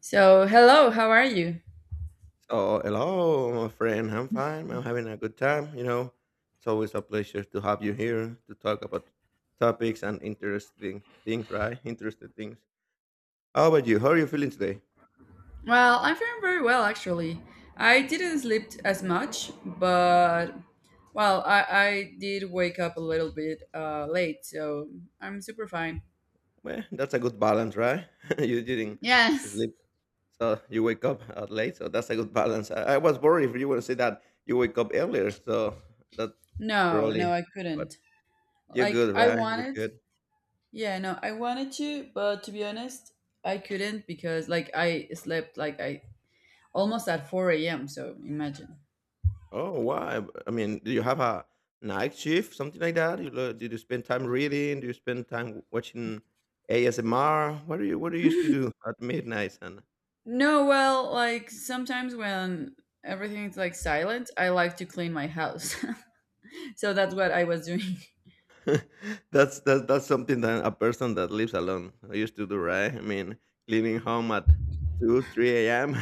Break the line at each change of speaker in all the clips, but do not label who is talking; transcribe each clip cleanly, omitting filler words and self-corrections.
So, hello, how are you?
So, hello, my friend. I'm fine. I'm having a good time. It's always a pleasure to have you here to talk about topics and interesting things, right? Interesting things. How about you? How are you feeling today?
Well, I'm feeling very well actually. I didn't sleep as much, but well, I did wake up a little bit late, so I'm super fine.
Well, that's a good balance, right? You didn't
Yes.
sleep, so you wake up late, so that's a good balance. I was worried if you would say that you wake up earlier, so that
No, no,
probably,
I
but
couldn't.
you're
Like,
good,
I
right? You're
wanted,
good.
yeah, no, I wanted to, but to be honest, I couldn't because, like, I slept like I almost at 4 a.m., so imagine.
Oh, why? I mean, do you have a night shift, something like that? Did you spend time reading? Do you spend time watching ASMR? What do you used to do at midnight? And
No, well, like sometimes when everything's like silent, I like to clean my house. So that's what I was doing.
that's something that a person that lives alone used to do, right? I mean, leaving home at two, three a.m.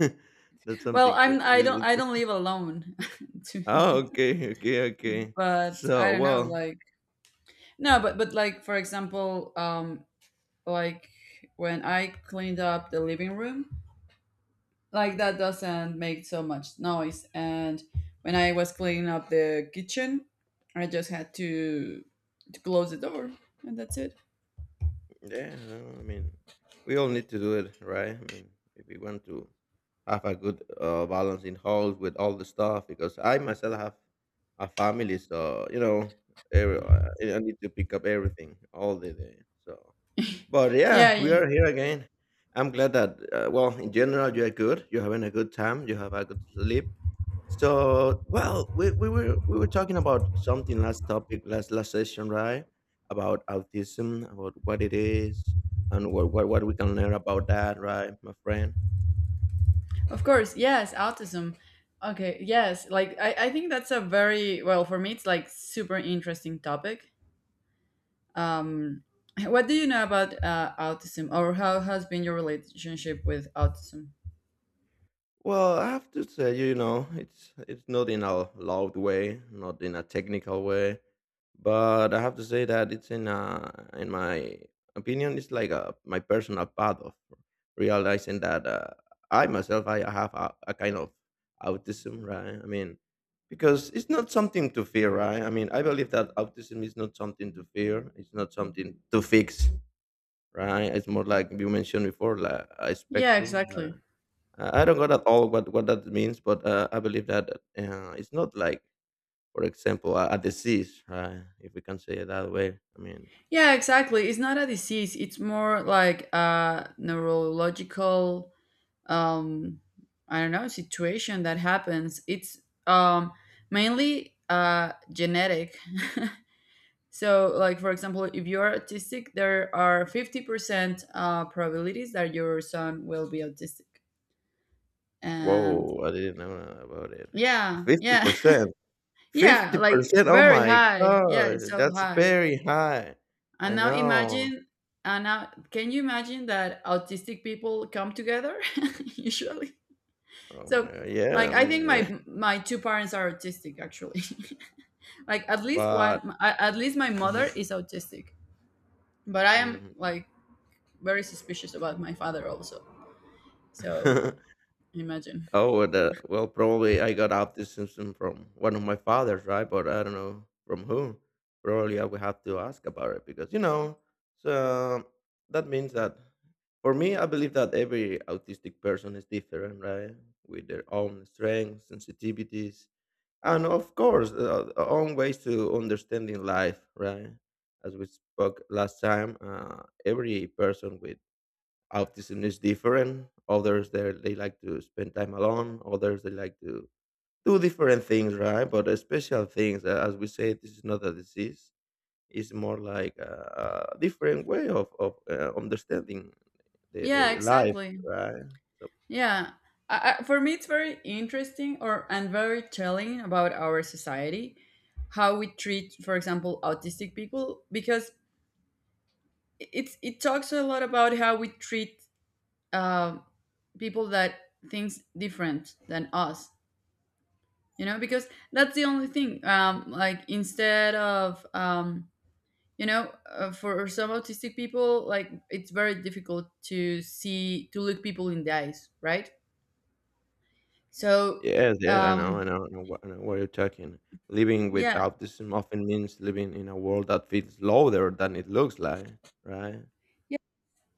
That's
Well,
something good,
I'm I
really
don't I don't
interesting.
live alone. to-
Oh, okay, okay, okay.
but I
So,
don't know,
well,
like no, but like for example, like when I cleaned up the living room, like that doesn't make so much noise, and when I was cleaning up the kitchen, I just had to close the door, and that's it.
yeah, no, I mean, we all need to do it, right? I mean, if we want to have a good balance in house with all the stuff, because I myself have a family, so every, I need to pick up everything all the day. So but yeah,
Yeah,
we
yeah.
are here again. I'm glad that, well, in general, you are good. You're having a good time. You have a good sleep. So, well, we were talking about something last topic last session, right? About autism, about what it is, and what we can learn about that, right, my friend?
Of course, yes, autism. Okay, yes, like I think that's a very well for me. It's like super interesting topic. Um, what do you know about autism, or how has been your relationship with autism?
Well, I have to say, it's not in a loud way, not in a technical way, but I have to say that it's in my opinion, it's like a my personal path of realizing that I myself I have a kind of autism, right? I mean, because it's not something to fear, right? I mean, I believe that autism is not something to fear. It's not something to fix, right? It's more like you mentioned before, like a
Yeah,
spectrum.
exactly.
Right? I don't got at all what that means, but I believe that it's not like, for example, a disease, right? If we can say it that way. I mean,
Yeah, exactly. It's not a disease. It's more like a neurological, um, I don't know, situation that happens. It's um, mainly genetic. So, like for example, if you're autistic, there are 50% probabilities that your son will be autistic, and
whoa, I didn't know about it.
yeah,
Fifty
yeah,
percent,
yeah,
fifty
like
percent. Oh
very
my
high. Yeah, it's
god,
so
that's
high.
very high.
And
I
now
know.
imagine, and now can you imagine that autistic people come together usually?
Oh
So,
my god, yeah. I
like, I
mean,
think
yeah.
my two parents are autistic actually. Like, at least
But
one, at least my mother
mhm,
is autistic, but I am
mhm.
like very suspicious about my father also. So imagine.
Oh, well, probably I got autism from one of my fathers, right? But I don't know from whom. Probably I will have to ask about it because, so that means that for me, I believe that every autistic person is different, right? With their own strengths, sensitivities, and of course, their own ways to understanding life, right? As we spoke last time, every person with autism is different. Others they like to spend time alone. Others they like to do different things, right? But special things, as we say, this is not a disease. It's more like a different way of understanding the, the,
Yeah,
the life,
exactly.
right? So
Yeah. For me, it's very interesting or and very telling about our society, how we treat, for example, autistic people, because it's it talks a lot about how we treat uh, people that thinks different than us. You know, because that's the only thing. Like instead of you know for some autistic people like it's very difficult to see to look people in the eyes, right? So
yes, yeah, I know,
um
I know, I know, I know what you're talking. Living with
yeah,
autism often means living in a world that feels louder than it looks like, right?
yeah,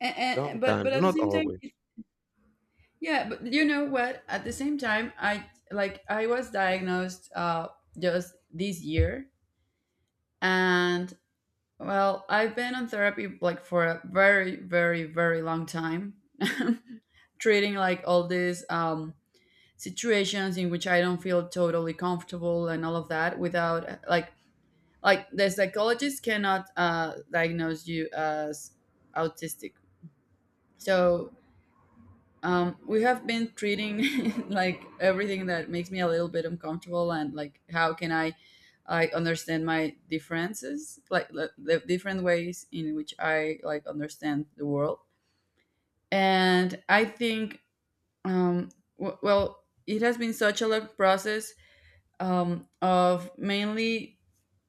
and, but
Sometimes,
at the
not
same time
always.
yeah, but you know what, at the same time, I like I was diagnosed just this year, and well, I've been on therapy like for a very, very, very long time. Treating like all these situations in which I don't feel totally comfortable and all of that, without like the psychologist cannot diagnose you as autistic. So we have been treating like everything that makes me a little bit uncomfortable, and like how can I understand my differences, like the different ways in which I like understand the world. And I think um, well, it has been such a long process of mainly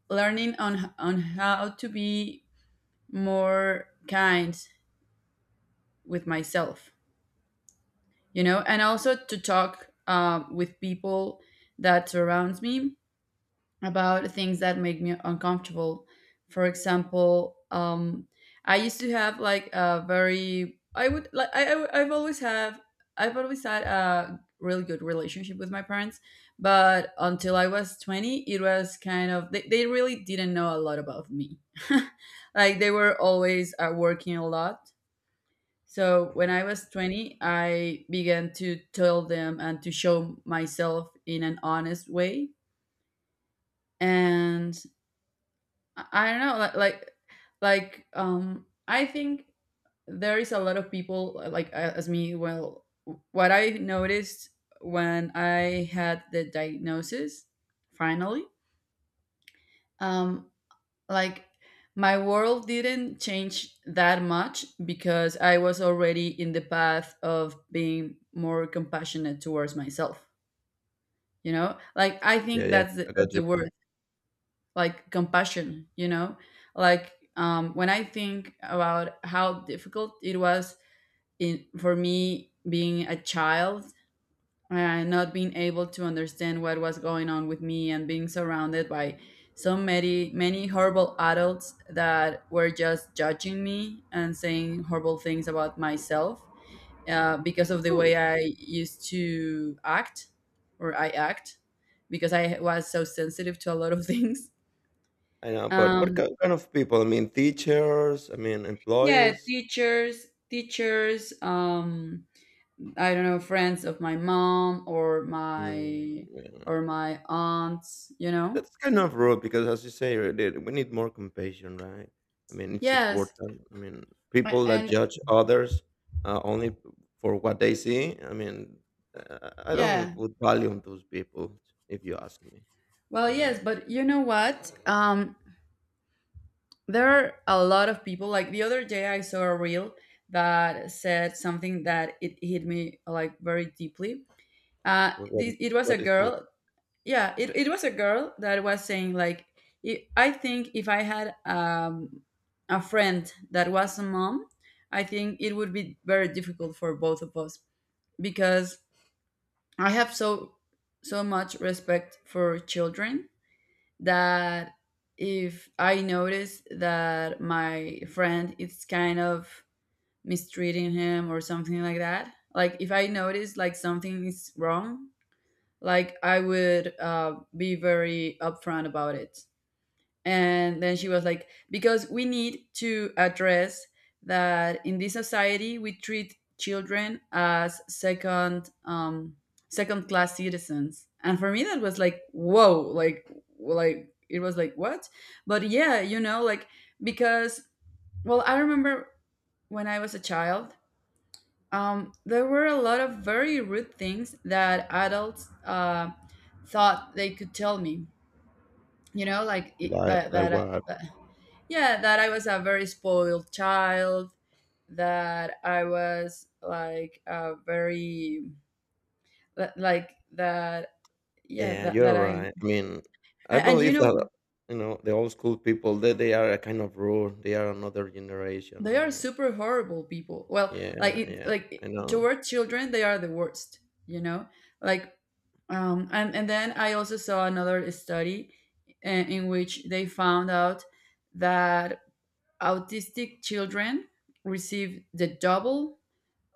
learning on how to be more kind with myself, you know, and also to talk with people that surrounds me about things that make me uncomfortable. For example, I used to have like a very I would like I've always have I've always had a really good relationship with my parents, but until I was 20, it was kind of they really didn't know a lot about me. Like they were always working a lot. So when I was 20, I began to tell them and to show myself in an honest way, and I don't know, I think there is a lot of people like as me. Well, what I noticed when I had the diagnosis, finally, um, like my world didn't change that much because I was already in the path of being more compassionate towards myself. You know, like I
Yeah,
think
yeah,
that's
I got
that's
your
the
point.
word. Like compassion, you know, like when I think about how difficult it was in, for me being a child and not being able to understand what was going on with me, and being surrounded by so many, many horrible adults that were just judging me and saying horrible things about myself because of the
Ooh.
way I used to act or I act because I was so sensitive to a lot of things.
I know, but what
um,
ki kind of people? I mean, teachers, I mean,
Yeah,
employees.
teachers, teachers, I don't know, friends of my mom
Mm,
or
yeah.
my aunts, you know?
That's kind of rude because, as you say, that we need more compassion, right? I mean, it's
Yes.
important. I mean, people that
And
judge others only for what they see. I mean, I don't
yeah.
put value on those people, if you ask me,
Well, yes,
right?
but you know what? There are a lot of people, like the other day I saw a reel that said something that it hit me like very deeply.
What, what,
It was a
what is it?
girl yeah it was a girl that was saying like I think if I had a friend that was a mom, I think it would be very difficult for both of us because I have so so much respect for children, that if I notice that my friend is kind of mistreating him or something like that, like if I notice like something is wrong, like I would be very upfront about it. And then she was like, because we need to address that in this society we treat children as second second class citizens. And for me that was like, whoa, like it was like what. But yeah, you know, like because well, I remember when I was a child, there were a lot of very rude things that adults thought they could tell me. You know, like it,
Like,
that,
like
that, I-
what?
that, yeah, that I was a very spoiled child, that I was like a very, that- like that, yeah,
Yeah,
that,
you're
that I,
right. I mean, I
and you
believe that
know,
the old school people they are a kind of rule. They are another generation,
they are
right?
super horrible people. Well,
Yeah,
like, it,
yeah.
like
I know.
toward children, they are the worst, you know? Like and then I also saw another study in which they found out that autistic children receive the double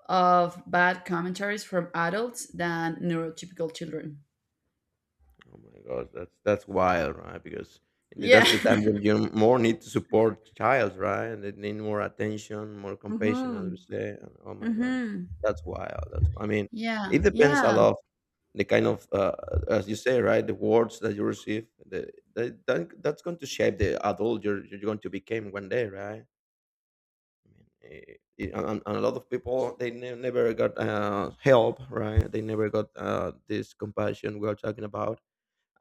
of bad commentaries from adults than neurotypical children.
Oh my gosh, that's wild, right? Because
Yeah.
that's the time when you more need to support child, right? And they need more attention, more compassion, as we
Mm-hmm.
say. And oh my gosh,
Hmm.
that's wild. That's I mean,
Yeah.
it depends a
Yeah.
lot the kind of as you say, right, the words that you receive, that's going to shape the adult you're going to become one day, right? I mean, and a lot of people they never got help, right? They never got this compassion we are talking about,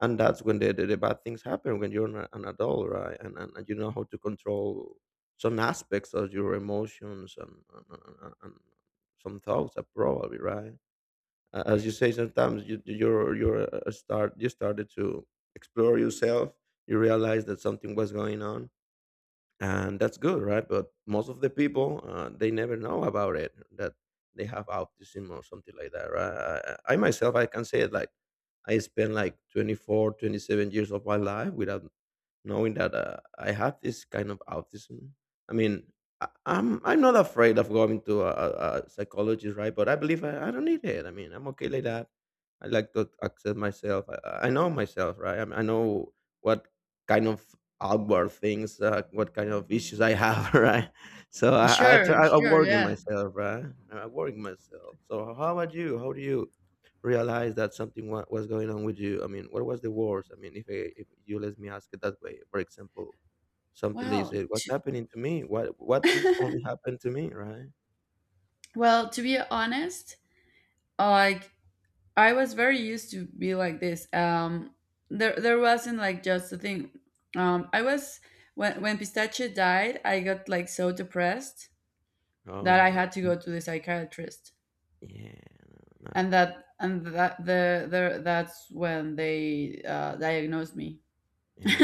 and that's when the bad things happen when you're an adult, right? And you know how to control some aspects of your emotions, and some thoughts probably, right? As you say, sometimes you you're a start you started to explore yourself, you realize that something was going on, and that's good, right? But most of the people they never know about it, that they have autism or something like that, right? I myself I can say it like I spent like 24, 27 years of my life without knowing that I have this kind of autism. I mean, I'm not afraid of going to a psychologist, right? But I believe I don't need it. I mean, I'm okay like that. I like to accept myself. I know myself, right? I, mean, I know what kind of outward things, what kind of issues I have, right? So I I,
Sure.
try, I
Sure.
work in
Yeah.
myself, right? I work in myself. So how about you? How do you realize that something was going on with you? I mean, what was the worst? I mean, if you let me ask it that way, for example, something that you
Well,
said, "What's happening to me? What this
to,
only happened to me?" Right?
well, to be honest, like I was very used to be like this. There wasn't like just a thing. I was when Pistachio died, I got like so depressed that I
Oh,
had to go to the psychiatrist,
yeah, no, no,
and that's when they diagnosed me.
yeah.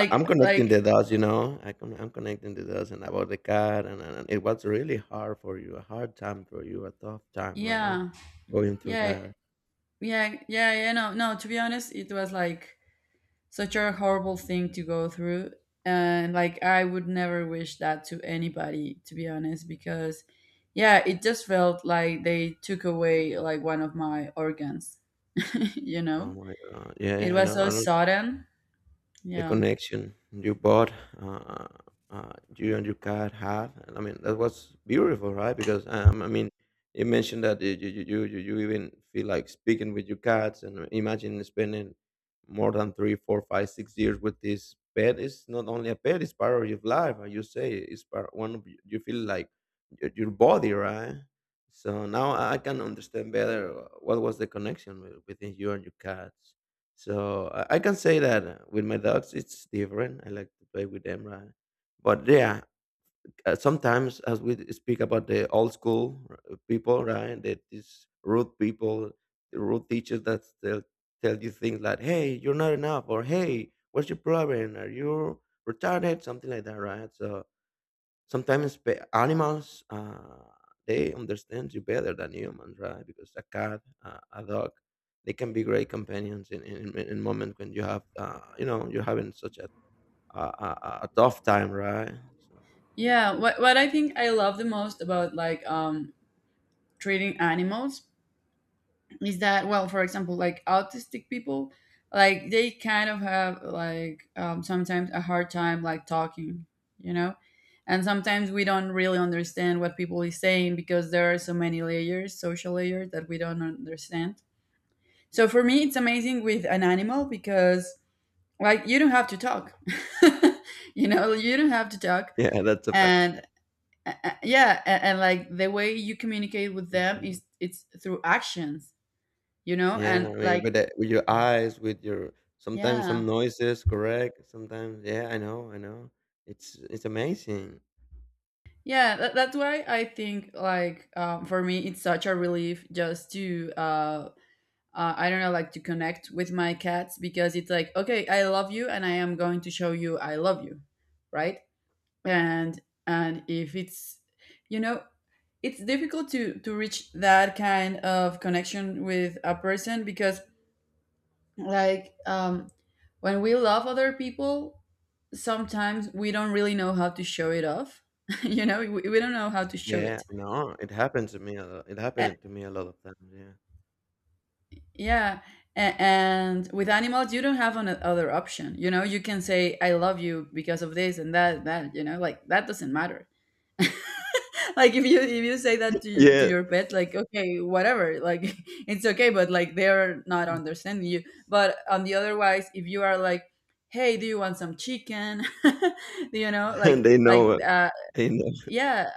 I, I'm
like
connecting the dots, you know. I'm connecting the dots and about the car, and it was really hard for you, a hard time for you, a tough time, right?
yeah,
Going through
yeah,
that.
yeah, yeah, yeah, no, no. To be honest, it was like such a horrible thing to go through, and like I would never wish that to anybody, to be honest, because yeah, it just felt like they took away like one of my organs. You
Oh
know,
my God. Yeah,
it
yeah, I
was
know.
so
I know.
sudden,
The
yeah,
connection you bought, uh, you and your cat had. I mean, that was beautiful, right? Because I mean, you mentioned that you even feel like speaking with your cats, and imagine spending more than three, four, five, 6 years with this pet. It's not only a pet; it's part of your life. And you say it's part one of you feel like your body, right? So now I can understand better what was the connection within you and your cats. So I can say that with my dogs, it's different. I like to play with them, right? But yeah, sometimes as we speak about the old school people, right? That these rude people, the rude teachers that tell you things like, "Hey, you're not enough," or "Hey, what's your problem? Are you retarded?" Something like that, right? So sometimes animals they understand you better than humans, right? Because a cat, a dog, they can be great companions in moments when you have you're having such a a, a a tough time, right? So
yeah. What I think I love the most about like treating animals is that, well, for example, like autistic people, like they kind of have like sometimes a hard time like talking, you know, and sometimes we don't really understand what people is saying because there are so many layers, social layers, that we don't understand. So for me it's amazing with an animal because like you don't have to talk. You know, you don't have to talk.
yeah, that's a fact.
And yeah, and like the way you communicate with them
Mhm.
is it's through actions, you know.
Yeah,
And
I mean,
like
with your eyes, with your sometimes
yeah,
some noises, correct? Sometimes, yeah, I know, I know. It's amazing.
yeah. That's why I think like for me, it's such a relief just to I don't know, like to connect with my cats, because it's like okay, I love you, and I am going to show you I love you, right? And and if it's you know it's difficult to reach that kind of connection with a person, because like when we love other people sometimes we don't really know how to show it off. You know, we don't know how to show
Yeah,
it.
I know. It happened to me a lot. It
A-
happened to me a lot of times. Yeah.
yeah. And with animals, you don't have another option. You know, you can say, I love you because of this and that, you know, like that doesn't matter. Like if you say that to to
Yeah,
your pet, like, okay, whatever, like it's okay, but like they're not understanding you. But on the otherwise, if you are like, hey, do you want some chicken? You know,
they know it. They know.
yeah,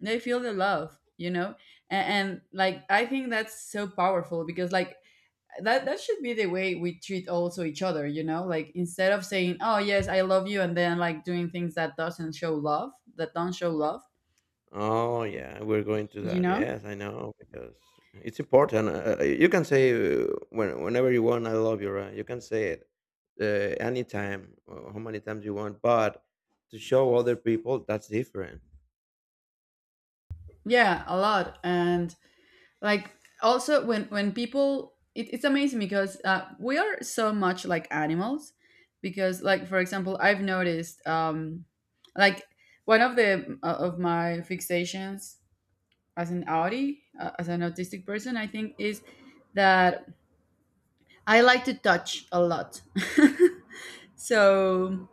they feel the love, you know. And like, I think that's so powerful because like that should be the way we treat also each other, you know, like instead of saying, oh yes, I love you, and then like doing things that doesn't show love, that don't show love,
Oh yeah, we're going to
you
that.
know.
Yes, I know because it's important. You can say whenever you want, "I love you," right? You can say it anytime, how many times you want. But to show other people, that's different.
Yeah, a lot. And like, also when people it's amazing because we are so much like animals. Because like, for example, I've noticed, like, one of the of my fixations as an audi as an autistic person, I think, is that I like to touch a lot. So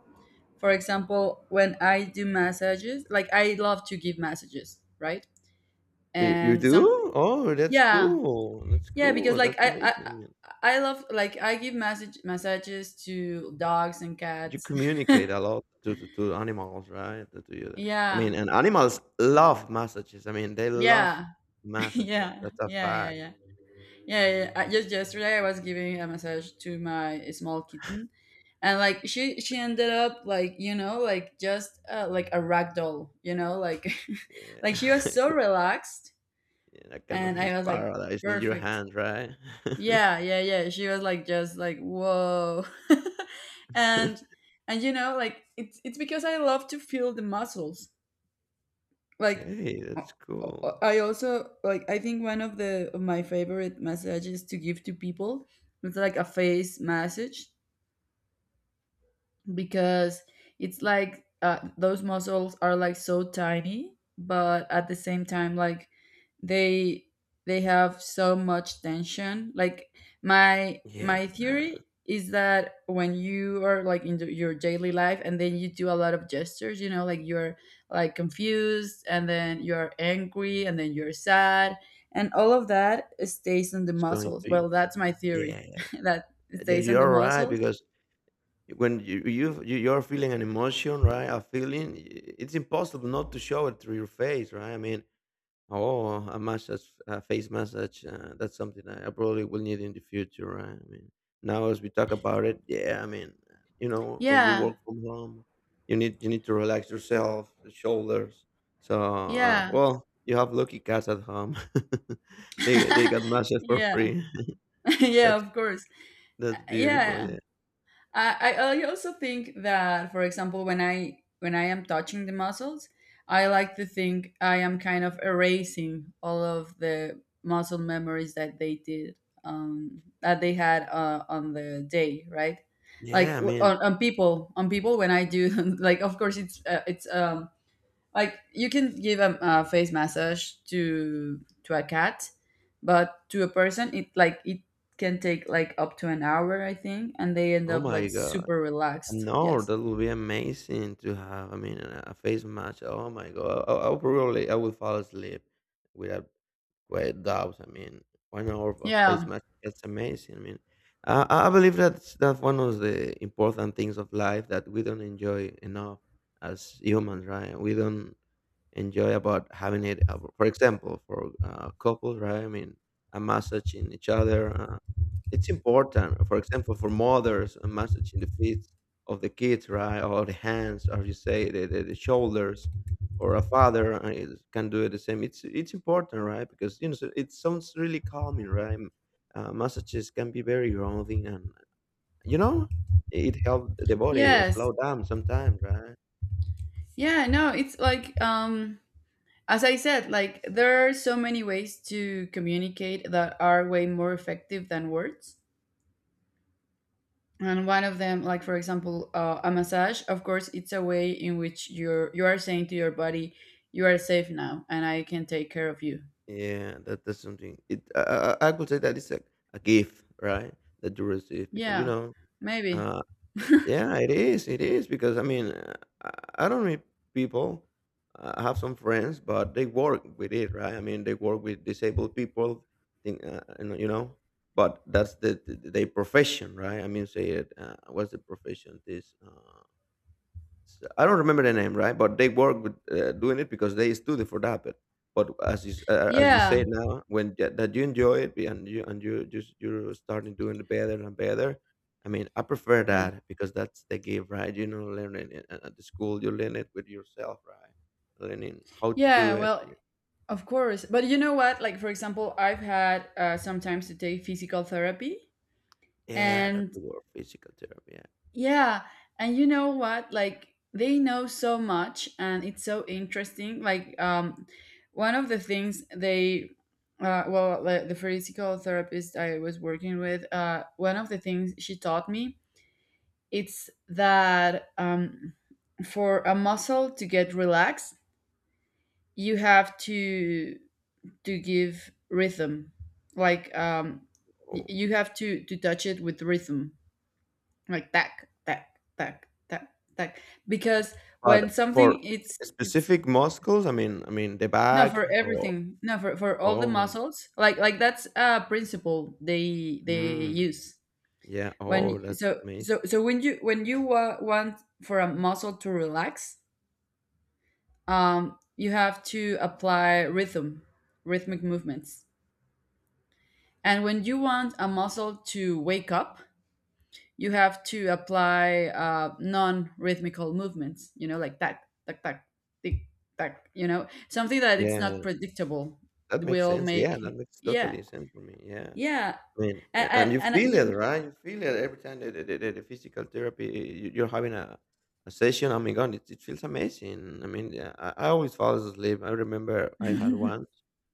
for example, when I do massages, like, I love to give massages, right?
You
And some,
do? Oh, that's
yeah.
cool. That's
Yeah, because
cool.
like
That's
I I
amazing.
I love, like I give massages to dogs and
You
cats.
communicate a lot to animals, right? To you. I mean,
Yeah.
and animals love messages. I mean, they love
Yeah.
messages.
Yeah.
That's a
Yeah, yeah,
fact.
yeah. Yeah, yeah. I, just yesterday, I was giving a massage to my small kitten, and like she ended up like, like just like a rag doll, like like she was
Yeah.
so relaxed.
That kind
And
of
I
is
was like,
paradise in your
perfect.
hand, right?
Yeah, yeah, yeah. She was like just like, whoa. And like it's because I love to feel the muscles. Like,
Hey,
I
that's cool.
I also like, I think one of the of my favorite messages to give to people is like a face massage, because it's like, those muscles are like so tiny, but at the same time, like they they have so much tension. Like, my
Yeah.
my theory is that when you are like in your daily life, and then you do a lot of gestures, you know, like you're like confused, and then you're angry, and then you're sad, and all of that stays on the
It's going
muscles.
to you.
Well, that's my theory.
Yeah.
That it
Yeah,
stays on the
you're right
muscles.
because when you're feeling an emotion, right? A feeling, it's impossible not to show it through your face, right? I mean, oh, a massage, a face massage. That's something that I probably will need in the future. Right? I mean, now as we talk about it, yeah. I mean, when you
Yeah,
work from home, you need to relax yourself, the shoulders. So,
yeah.
well, you have lucky cats at home. They got massage for
Yeah.
free.
Yeah,
That's
of course.
that's beautiful.
Yeah,
Yeah.
I, I I also think that, for example, when I am touching the muscles, I like to think I am kind of erasing all of the muscle memories that they did, that they had on the day, right? Like
Yeah.
on people, on people. When I do, like, of course, it's like, you can give a face massage to a cat, but to a person, it like, it can take like up to an hour, I think, and they end
Oh
up like
my god.
super relaxed.
No,
Yes,
that would be amazing to have. I mean, a face match. Oh my god, I probably I would fall asleep without quite doubts. I mean, 1 hour of a face
yeah.
match. That's amazing. I believe that's one of the important things of life that we don't enjoy enough as humans, right? We don't enjoy about having it. For example, for couples, right? I mean, a massage in each other. It's important. For example, for mothers, a massage in the feet of the kids, right? Or the hands, or you say the shoulders, or a father can do it the same. It's important, right? Because you know so it sounds really calming, right? Massages can be very grounding, and you know it helps the body slow
Yes.
down sometimes, right?
Yeah, no, it's like, as I said, like there are so many ways to communicate that are way more effective than words. And one of them, like for example, a massage, of course, it's a way in which you are saying to your body, you are safe now, and I can take care of you.
Yeah, that that's something. It I could say that it's a gift, right? That you receive because you
Yeah,
know.
maybe.
Uh, Yeah, it is. It is because I don't meet people. I have some friends, but they work with it, right? I mean, they work with disabled people. Think, you know, but that's the their profession, right? I mean, say it. What's the profession? This. I don't remember the name, right? But they work with doing it because they study for that. Bit. But as as you
Yeah.
say now, when that that you enjoy it and you just you're starting doing it better and better. I mean, I prefer
Yeah.
that because that's the gift, right? You know, learning it at the school, you learn it with yourself, right? Learning how to do
Yeah,
it.
well, of course. But you know what, like for example, I've had sometimes to take physical therapy.
Yeah, that's
And
the word, physical therapy. Yeah.
yeah, and you know what? Like, they know so much, and it's so interesting. Like, one of the things they, well, the physical therapist I was working with, one of the things she taught me, it's that, for a muscle to get relaxed, you have to give rhythm, like,
Oh.
you have to touch it with rhythm, like that that that that that because when
But
something
for
it's,
specific muscles, I mean the
no,
back.
for
Oh,
everything. No, for, for all the
oh,
muscles, like that's a principle they
mm,
use.
yeah. Oh,
When,
that's amazing.
when you, when you want for a muscle to relax, um, you have to apply rhythm, rhythmic movements. And when you want a muscle to wake up, you have to apply non-rhythmical movements. You know, like tack, tack, tack, tick, tack. You know, something that it's
Yeah,
not predictable,
that makes
will
sense. Yeah,
make.
that makes
Yeah,
totally sense for me. Yeah.
yeah.
I mean,
and
yeah, and you
and, and
feel
you,
it, right? You feel it every time the physical therapy you're having a session. Oh my god, it feels amazing. I mean, yeah, I always fall asleep. I remember I had one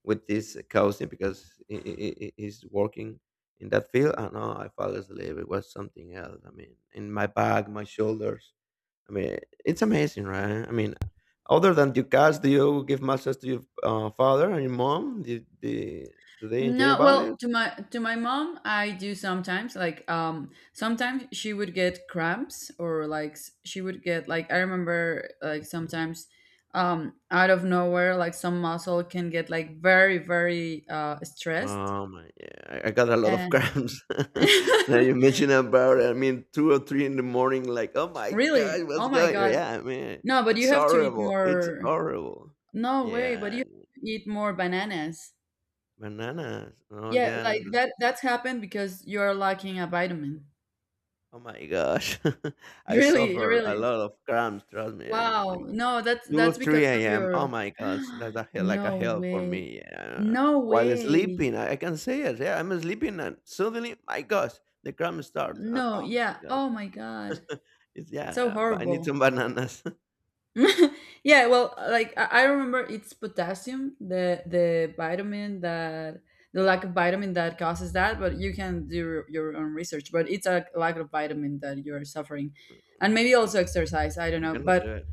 with this cousin because he's working in that field, and oh, I fell asleep. It was something else. I mean, in my back, my shoulders. I mean, it's amazing, right? I mean, other than your cats, do you give massages to your father and your mom? Do they enjoy
no,
about
well,
it?
to my mom, I do sometimes. Like, sometimes she would get cramps, or like she would get like, I remember, like
Mhm.
sometimes, out of nowhere, like some muscle can get like very very stressed.
Oh my, yeah, I got a lot of cramps. now you mention about it. I mean, two or three in the morning, like, oh my
Really?
god,
Oh
what's
my
going?
God.
Yeah, I mean,
No, but
it's
you have to eat
horrible. It's
more.
horrible.
No way, but you
Yeah,
have to eat more bananas.
bananas. Oh,
Yeah, like
that.
that, that's happened because you're lacking a vitamin.
Oh my gosh, I
Really,
suffer a
really.
lot of cramps. Trust me,
Wow.
in
No, that's
2,
that's because
3
of
AM. Oh
your
my God, so that's a hell like a
No
hell for
way.
me, yeah.
No
While
way.
sleeping, I can say it, yeah, I'm sleeping and suddenly, my gosh, the crime starts.
No,
Oh my
yeah.
God.
Oh my God.
It's
So
yeah, but I need
horrible.
some bananas.
Yeah, well, like I remember it's potassium, the vitamin that, the lack of vitamin that causes that, but you can do your own research. But it's a lack of vitamin that you're suffering.
Oh
And
my
maybe
God,
also exercise, I don't
we're
know.
gonna
But
do it.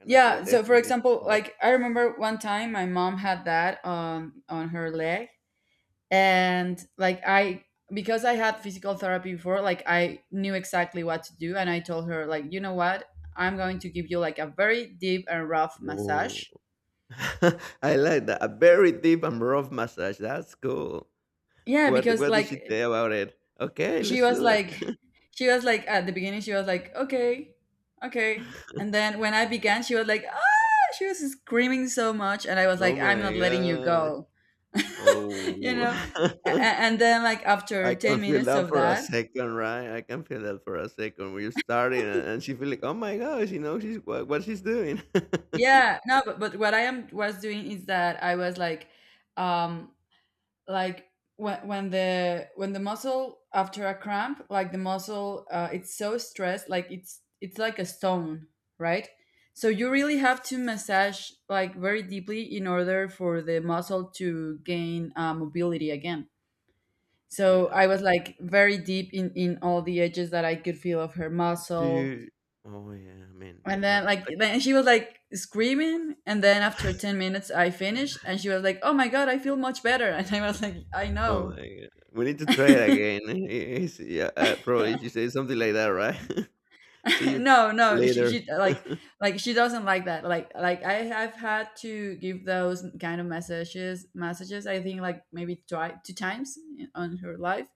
Gonna do
yeah,
it,
so for
definitely need
example,
to try it.
like I remember one time my mom had that on her leg. And like, I, because I had physical therapy before, like I knew exactly what to do. And I told her, like, you know what, I'm going to give you like a very deep and rough
Woah.
massage.
I like that. A very deep and rough massage, that's cool.
Yeah, because
What did she
like,
say about it? "Okay,
she
let's
was
do it."
like, she was like at the beginning she was like, okay, okay. And then when I began, she was like, ah, she was screaming so much, and I was
Oh
like, I'm
my
not letting you
God!
go. You
Oh.
know. And then like, after
I can
10
feel
minutes
that
of
for a
that.
second, right? I can feel that for a second. We're starting, and she feel like, oh my gosh, you know, she's what she's doing.
Yeah, no, but what I am was doing is that I was like, um, like, when the muscle after a cramp, like the muscle, it's so stressed, like it's like a stone, right? So you really have to massage like very deeply in order for the muscle to gain mobility again. So
yeah.
I was like very deep in all the edges that I could feel of her
Do
muscle.
you? Oh yeah,
And
uh,
then like,
like,
then she was like screaming, and then after 10 minutes, I finished, and she was like, "Oh my god, I feel much better." And I was like, "I
oh my
know."
god, we need to try it again. Yeah, probably she says something like that, right? See you
No, no, she,
later.
she like she doesn't like that. Like I have had to give those kind of messages, I think, like maybe two times on her life.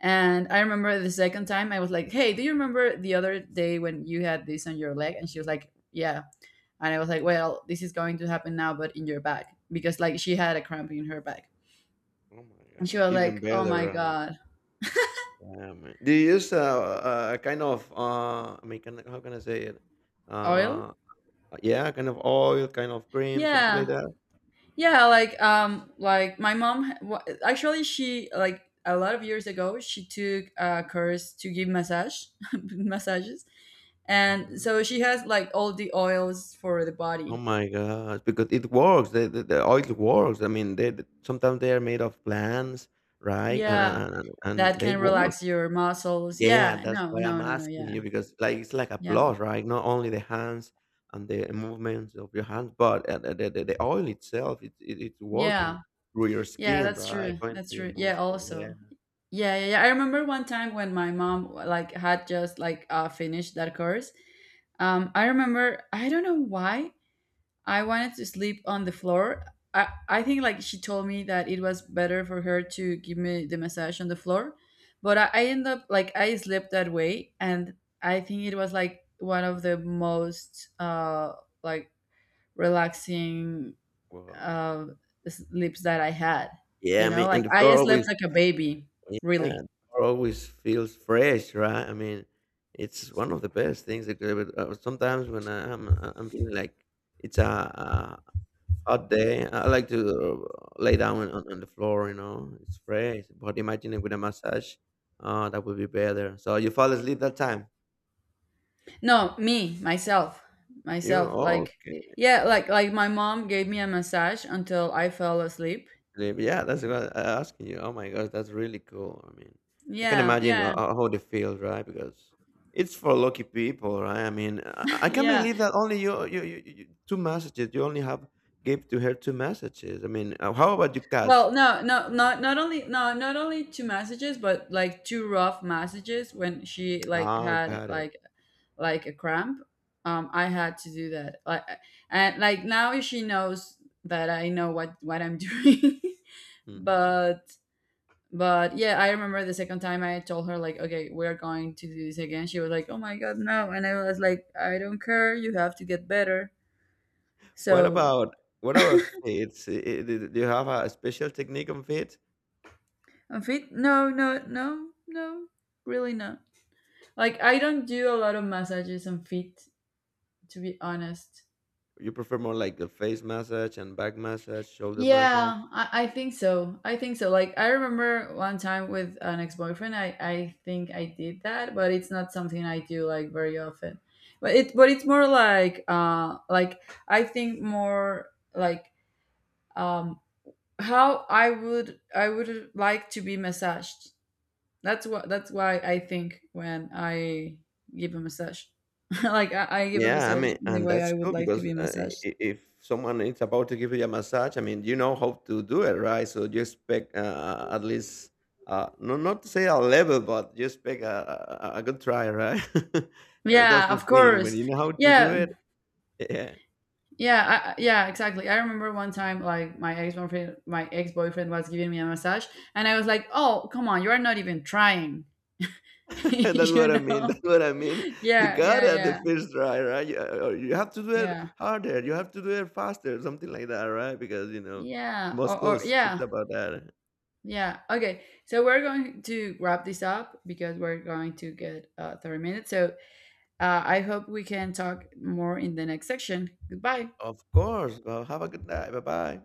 And I remember the second time, I was like, "Hey, do you remember the other day when you had this on your leg?" And she was like, "Yeah." And I was like, well, this is going to happen now, but in your back. Because like, she had a cramp in her back.
Oh my
And she
god,
was
even
like, oh my
better.
God,
Yeah, man. Do you use a kind of I mean, can, how can I say it?
oil?
Uh, yeah, kind of oil, kind of cream, something like
Yeah.
that.
Yeah. Like my mom, actually, she, like a lot of years ago, she took a course to give massage, massages. And
Mhm.
so she has like all the oils for the
Oh
body.
my gosh, because it works. The oil works. I mean, sometimes they are made of plants, right? And
Yeah.
and, and and
That
and they
can
work.
relax your muscles.
Yeah,
Yeah.
that's
No,
why
no,
I'm
no, no.
asking
Yeah.
you because like it's like a
Yeah.
plus, right? Not only the hands and the movements of your hands, but the oil itself, it's
Yeah.
working through your
Yeah,
skin,
that's
right?
true.
Going
That's
through your
true. Yeah,
muscles. Yeah.
also. Yeah, yeah, yeah. I remember one time when my mom like had just like finished that course. I remember I don't know why I wanted to sleep on the floor. I think like she told me that it was better for her to give me the massage on the floor, but I end up like, I slept that way. And I think it was like one of the most, like, relaxing,
Wow.
uh, sleeps that I had.
Yeah,
You
I
know,
mean,
like
and the
I
floor
slept
always
like a baby,
yeah,
really.
tomorrow always feels fresh, right? I mean, it's one of the best things that could ever. Sometimes when I'm feeling like it's a hot day, I like to lay down on the floor. You know, it's fresh. But imagine it with a massage, that would be better. So you fall asleep that time.
No, me, myself,
You
myself. Like,
okay?
yeah, like my mom gave me a massage until I fell asleep.
Live. Yeah, that's what I asking you. Oh my gosh, that's really cool. I mean, I can
Yeah,
imagine
yeah,
how they feel, right? Because it's for lucky people, right? I mean, I can't
yeah.
believe that only you, two messages. You only have gave to her two messages. I mean, how about your cats?
Well, no, no, not not only, no, not only two messages, but like two rough messages when she like
Ah,
had
got it.
like a cramp. I had to do that. Like, and like now she knows that I know what I'm doing,
Hmm.
but But yeah, I remember the second time I told her like, okay, we are going to do this again. She was like, oh my god, no, and I was like, I don't care. You have to get better.
What
So,
about what about fits? Do do you have a special technique on fits?
I'm fit. No, no, no, no, really not. Like, I don't do a lot of massages on feet, to be honest.
You prefer more like the face massage and back massage, shoulder massage?
Yeah, I think so. I think so. Like, I remember one time with an ex-boyfriend, I think I did that, but it's not something I do like very often. But it, but it's more like, I think more like, um, how I would, I would like to be massaged. That's what, that's why I think when I give a massage. Like, I give a
Yeah, I
massage
mean,
in the
and
way
that's
I would
cool
like to
because
be massaged.
if someone is about to give you a massage, I mean, you know how to do it, right? So you expect at least, no, not to say a level, but you expect a good try, right? And that's
Yeah,
the
of
thing when
course.
you know how to do
Yeah.
it. Yeah,
Yeah, I, yeah, exactly. I remember one time, like, my ex boyfriend was giving me a massage, and I was like, "Oh, come on, you are not even trying."
that's
You
what I mean.
know?
That's what I mean. You
Yeah,
got
yeah,
it the
yeah,
first try, right? You, or you have to do it
yeah,
harder. You have to do it faster, something like that, right? Because you know,
yeah, or
muscles. It's
yeah,
about that.
yeah. Okay, so we're going to wrap this up because we're going to get 30 minutes. So, I hope we can talk more in the next section. Goodbye.
Of course. Well, have a good night. Bye bye.